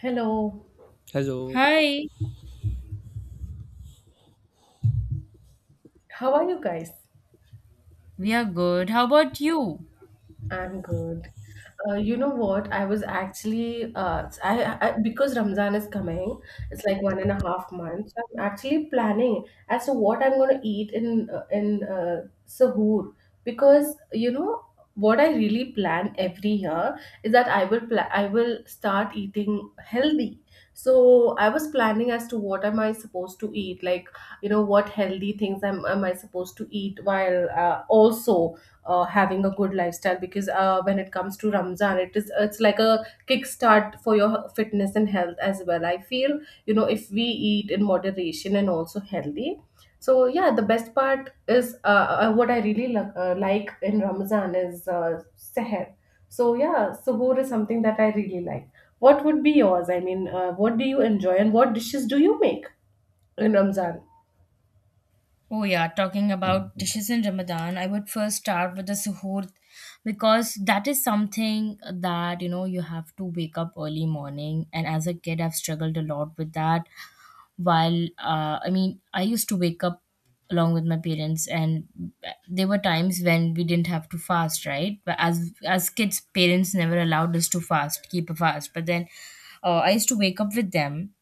Hello, Hello. Hi, how are you guys? we are good. How about you? I'm good. You know what? I was actually, I because Ramzan is coming, it's like 1.5 months. So I'm actually planning as to what I'm going to eat in Sahur, because you know what I really plan every year is that I will start eating healthy. So I was planning as to what am I supposed to eat, like you know what healthy things am I supposed to eat while also having a good lifestyle, because when it comes to Ramzan, it's like a kickstart for your fitness and health as well. I feel you know, if we eat in moderation and also healthy. So yeah, the best part is what I really like in Ramzan is seher. So yeah, suhoor is something that I really like. What would be yours? I mean, what do you enjoy and what dishes do you make in Ramzan? Oh, yeah, talking about dishes in Ramadan, I would first start with the suhoor because that is something that you know you have to wake up early morning. And as a kid, I've struggled a lot with that. While I used to wake up along with my parents, and there were times when we didn't have to fast, right? But as kids, parents never allowed us to fast, keep a fast. But then I used to wake up with them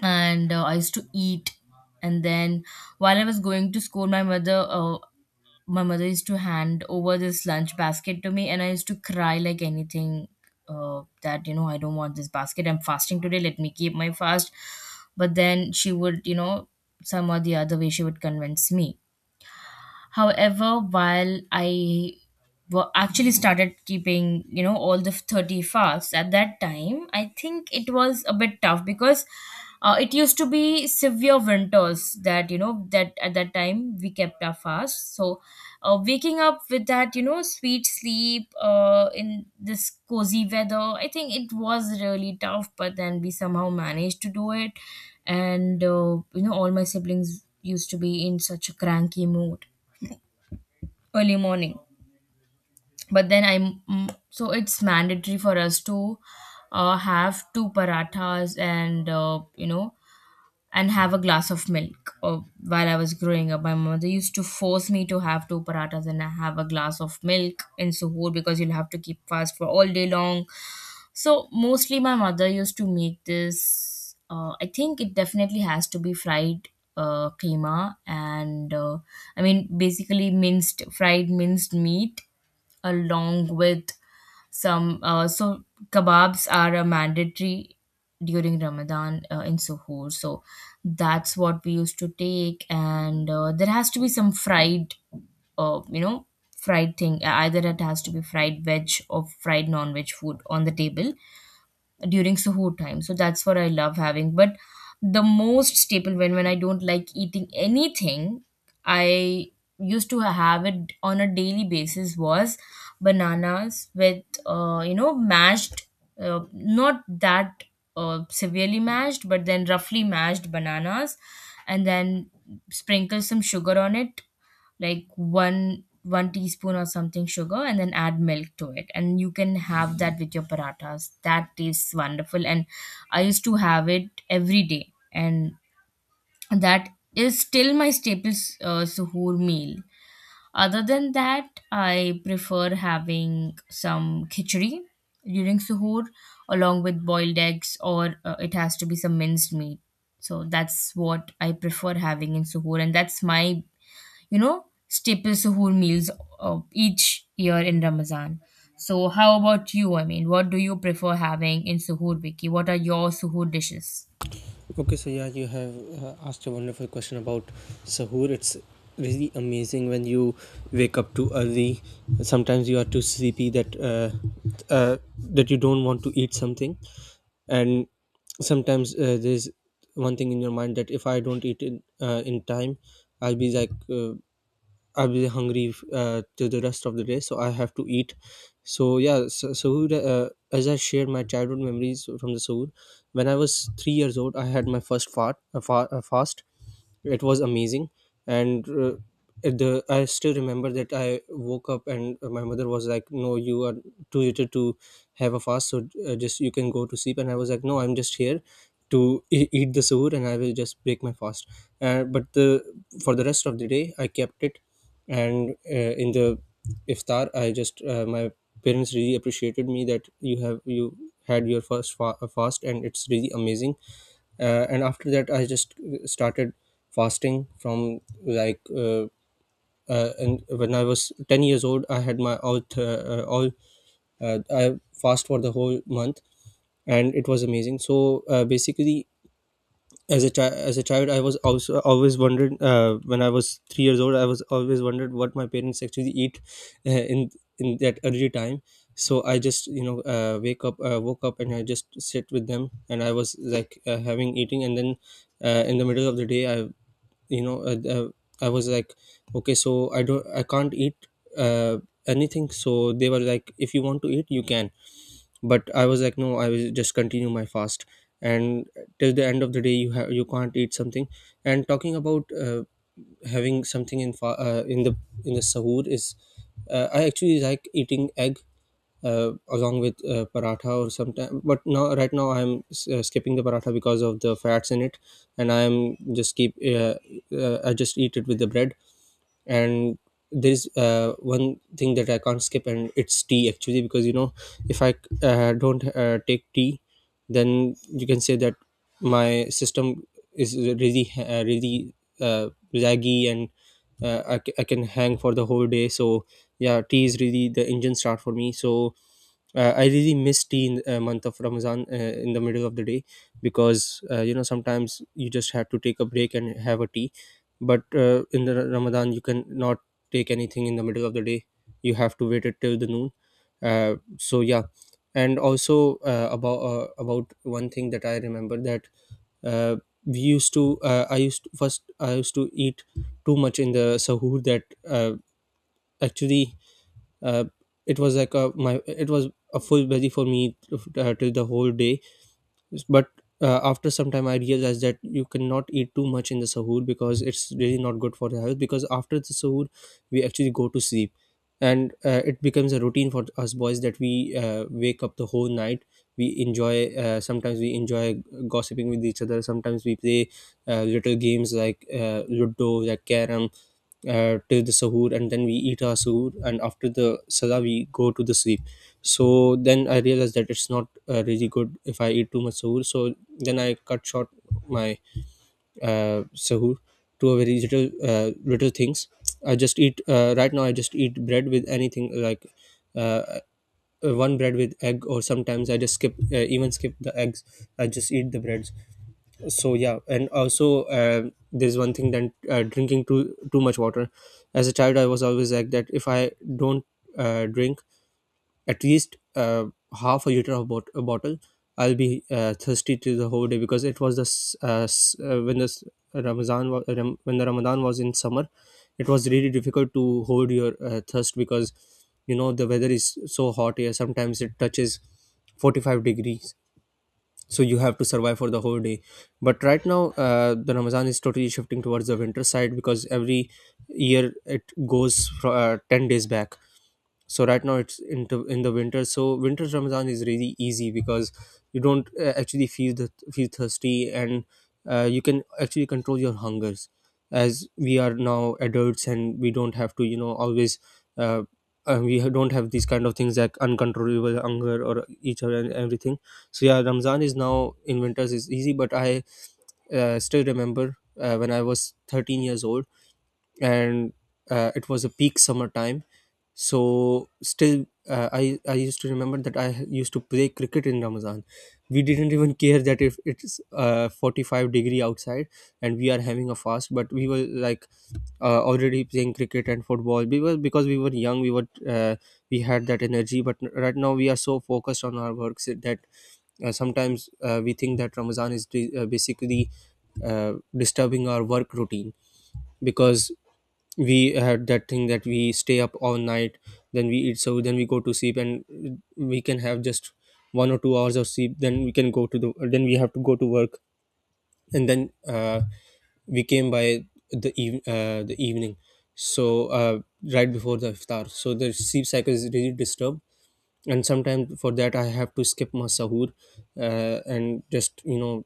and I used to eat. And then while I was going to school, my mother used to hand over this lunch basket to me, and I used to cry like anything. That you know, I don't want this basket. I'm fasting today. Let me keep my fast. But then she would, you know, some or the other way, she would convince me. However, while actually started keeping, you know, all the 30 fasts at that time, I think it was a bit tough because it used to be severe winters that, you know, that at that time we kept our fast. So waking up with that, you know, sweet sleep in this cozy weather, I think it was really tough, but then we somehow managed to do it. And, you know, all my siblings used to be in such a cranky mood early morning, but then so it's mandatory for us to have two parathas and you know, and have a glass of milk. While I was growing up, my mother used to force me to have two parathas and have a glass of milk in suhoor because you'll have to keep fast for all day long. So mostly my mother used to make this. I think it definitely has to be fried keema and I mean, basically minced meat along with some. So kebabs are a mandatory during Ramadan in Suhoor. So that's what we used to take, and there has to be some fried you know, fried thing, either it has to be fried veg or fried non-veg food on the table during suhoor time. So that's what I love having. But the most staple, when I don't like eating anything, I used to have it on a daily basis was bananas with you know, mashed, not that severely mashed, but then roughly mashed bananas, and then sprinkle some sugar on it, like one teaspoon or something sugar, and then add milk to it, and you can have that with your parathas. That tastes wonderful, and I used to have it every day, and that is still my staple suhoor meal. Other than that, I prefer having some khichdi during suhoor along with boiled eggs, or it has to be some minced meat. So that's what I prefer having in suhoor, and that's my, you know, staple suhoor meals each year in Ramadan. So, how about you? What do you prefer having in Suhoor Wiki? What are your Suhoor dishes? Okay, so yeah, you have asked a wonderful question about Sahur. It's really amazing when you wake up too early. Sometimes you are too sleepy uh, that you don't want to eat something, and sometimes there's one thing in your mind that if I don't eat in time, I'll be I'll be hungry to the rest of the day, so I have to eat. So yeah, so, Sahur. As I shared my childhood memories from the Sahur, when I was 3 years old, I had my first fart, a fa- a fast. It was amazing, and at the I still remember that I woke up and my mother was like, "No, you are too little to have a fast, so just you can go to sleep." And I was like, "No, I'm just here. To eat the suhoor and I will just break my fast. But the for the rest of the day, I kept it, and in the iftar I just my parents really appreciated me that you had your fast and it's really amazing." And after that I just started fasting from like and when I was 10 years old, I had my all th- all I fast for the whole month, and it was amazing. So basically, as a child, I was also always wondered, when I was 3 years old, I was always wondered what my parents actually eat uh, in in that early time. So I just, you know, wake up woke up and I just sit with them and I was having eating. And then in the middle of the day, I you know I was like, okay, so I don't, I can't eat uh, anything. So they were like, "If you want to eat, you can." But I was like, "No, I will just continue my fast." And till the end of the day, you can't eat something. And talking about having something in the sahur is, I actually like eating egg along with paratha or sometime, but now right now I'm skipping the paratha because of the fats in it. And just keep uh, I just eat it with the bread. And there is one thing that I can't skip, and it's tea actually, because you know, if I don't take tea, then you can say that my system is really uh, laggy, and I can hang for the whole day. So yeah, tea is really the engine start for me. So I really miss tea in month of Ramadan, in the middle of the day, because you know, sometimes you just have to take a break and have a tea. But in the Ramadan, you can not take anything in the middle of the day. You have to wait it till the noon. So yeah. And also, about one thing that I remember, that uh, we used to I used to, first I used to eat too much in the sahur, that actually uh, it was like a, my, it was a full busy for me till the whole day. But after some time, I realized that you cannot eat too much in the sahur because it's really not good for the health, because after the sahur we actually go to sleep. And it becomes a routine for us boys that we wake up the whole night. We enjoy, sometimes we enjoy gossiping with each other, sometimes we play little games like ludo, like carrom, till the sahur, and then we eat our sahur, and after the salah we go to the sleep. So then I realized that it's not really good if I eat too much sahur. So then I cut short my uh, sahur to a very little, little things. I just eat right now I just eat bread with anything, like, uh, one bread with egg, or sometimes I just skip even skip the eggs, I just eat the bread. So yeah. And also, there's one thing that drinking too much water. As a child, I was always like that, if I don't drink at least half a liter of a bottle, I'll be thirsty to the whole day, because it was this uh, s- uh, when this when the Ramadan was in summer, it was really difficult to hold your thirst, because you know the weather is so hot here, sometimes it touches 45 degrees, so you have to survive for the whole day. But right now the Ramadan is totally shifting towards the winter side, because every year it goes 10 days back. So right now it's into in the winter. So winter Ramadan is really easy, because you don't actually feel thirsty, and you can actually control your hungers, as we are now adults and we don't have to, you know, always uh, don't have these kind of things like uncontrollable hunger or each other and everything. So yeah, Ramadan is now in winters is easy. But I still remember, when I was 13 years old, and it was a peak summer time. So still, I used to remember that I used to play cricket in Ramadan. We didn't even care that if it's 45-degree outside and we are having a fast, but we were like, already playing cricket and football. We were, because we were young, we had that energy. But right now we are so focused on our works that sometimes we think that Ramadan is basically disturbing our work routine, because we had that thing that we stay up all night, then we eat, so then we go to sleep, and we can have just 1 or 2 hours of sleep, then we can go to the, then we have to go to work, and then we came by the evening, so right before the iftar. So the sleep cycle is really disturbed, and sometimes for that I have to skip my sahur, and just, you know,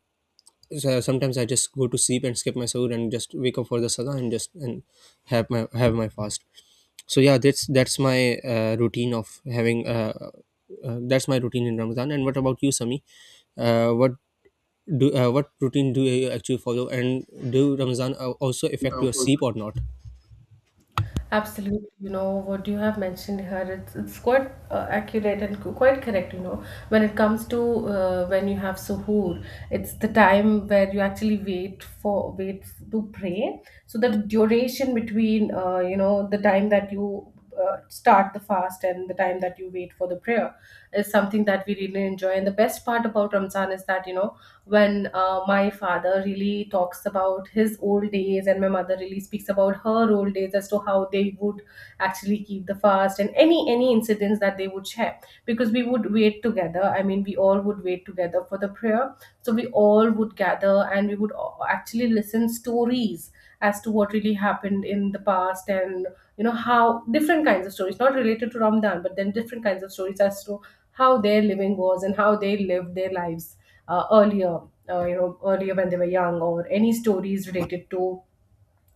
so sometimes I just go to sleep and skip my sahur and just wake up for the salah, and just and have my, have my fast. So yeah, that's my routine of having that's my routine in Ramadan. And what about you, Sami? What do what routine do you actually follow? And do Ramadan also affect your sleep or not? Absolutely, you know what you have mentioned here. It's quite accurate and quite correct. You know, when it comes to when you have suhoor, it's the time where you actually wait to pray. So the duration between, you know, the time that you start the fast and the time that you wait for the prayer is something that we really enjoy. And the best part about Ramzan is that, you know, when my father really talks about his old days and my mother really speaks about her old days as to how they would actually keep the fast, and any incidents that they would share, because we would wait together. I mean, we all would wait together for the prayer. So we all would gather and we would actually listen stories as to what really happened in the past. And you know, how different kinds of stories, not related to Ramadan, but then different kinds of stories as to how their living was and how they lived their lives earlier. You know, earlier when they were young, or any stories related to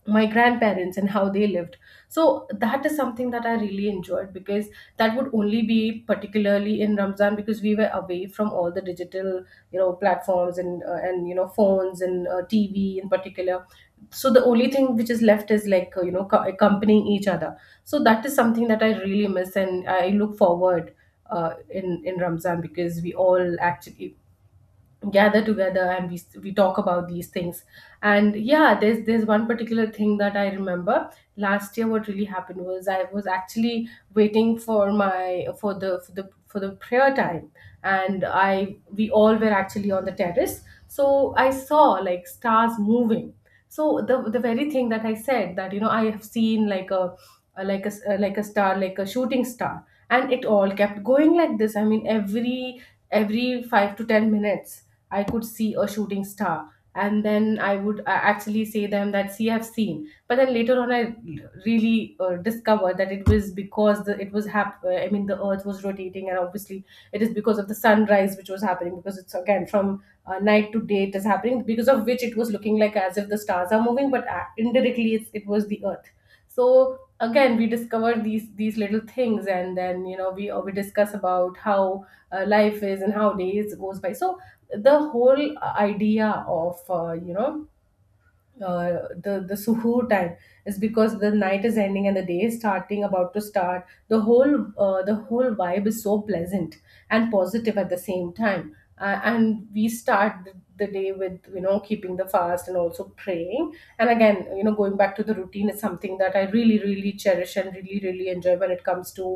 my grandparents and how they lived. So that is something that I really enjoyed, because that would only be particularly in Ramzan, because we were away from all the digital, you know, platforms and you know, phones and TV in particular. So the only thing which is left is like, you know, accompanying each other. So that is something that I really miss and I look forward in Ramzan, because we all actually gather together and we talk about these things. And yeah, there's one particular thing that I remember. Last year, what really happened was, I was actually waiting for my for the prayer time, and I we all were actually on the terrace. So I saw like stars moving. So the very thing that I said, that you know, I have seen like like a star, like a shooting star, and it all kept going like this. I mean, every 5 to 10 minutes I could see a shooting star. And then I would actually say them that, see, I've seen. But then later on I really discovered that it was because the it was hap- I mean, the Earth was rotating, and obviously it is because of the sunrise which was happening, because it's again from night to day, it is happening, because of which it was looking like as if the stars are moving, but indirectly it was the Earth. So again, we discover these little things, and then you know, we discuss about how life is and how days goes by. So the whole idea of the suhoor time is, because the night is ending and the day is starting about to start, the whole vibe is so pleasant and positive at the same time. And we start the day with, you know, keeping the fast and also praying. And again, you know, going back to the routine is something that I really really cherish and really really enjoy when it comes to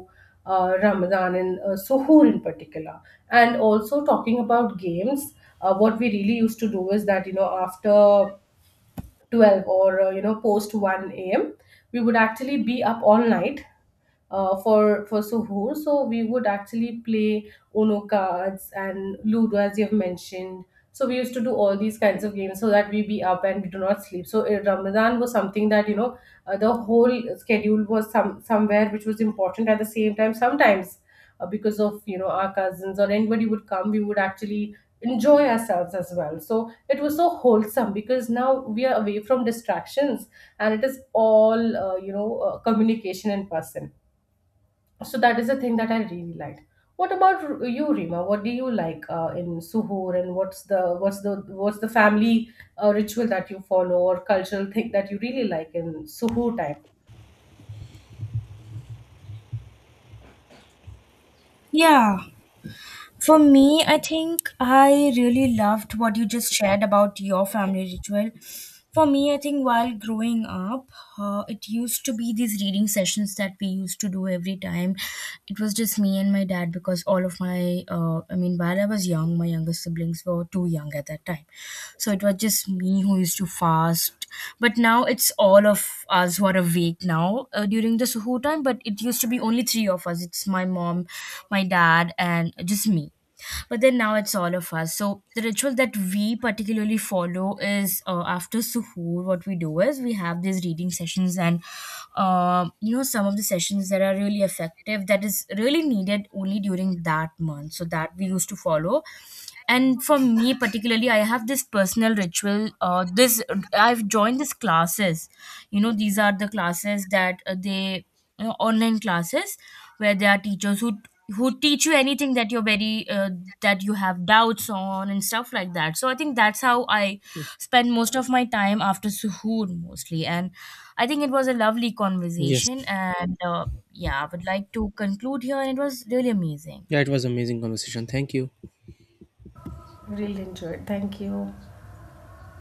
Ramadan, and suhoor in particular. And also, talking about games, what we really used to do is that, you know, after 12, or you know, post 1 a.m., we would actually be up all night for suhoor. So we would actually play Uno cards and ludo, as you've mentioned. So we used to do all these kinds of games so that we be up and we do not sleep. So Ramadan was something that, you know, the whole schedule was some somewhere which was important. At the same time, sometimes because of, you know, our cousins or anybody would come, we would actually enjoy ourselves as well. So it was so wholesome, because now we are away from distractions, and it is all, you know, communication in person. So that is the thing that I really liked. What about you, Rima? What do you like in Suhoor, and what's the what's the what's the family ritual that you follow, or cultural thing that you really like in Suhoor time? Yeah. For me, I think I really loved what you just shared about your family ritual. For me, I think while growing up, it used to be these reading sessions that we used to do every time. It was just me and my dad because all of while I was young, my younger siblings were too young at that time. So it was just me who used to fast out. But now it's all of us who are awake now during the Suhoor time. But it used to be only three of us. It's my mom, my dad, and just me, but then now it's all of us. So the ritual that we particularly follow is, after suhoor, what we do is we have these reading sessions, and um, you know, some of the sessions that are really effective, that is really needed only during that month, so that we used to follow. And for me particularly, I have this personal ritual, this I've joined these classes. You know, these are the classes that they you know, online classes, where there are teachers who teach you anything that you're very that you have doubts on and stuff like that. So I think that's how I spend most of my time after suhoor mostly, and I think it was a lovely Yes. conversation, and yeah, I would like to conclude here, and it was really amazing. Yeah, it was amazing conversation. Thank you. Really enjoyed. Thank you.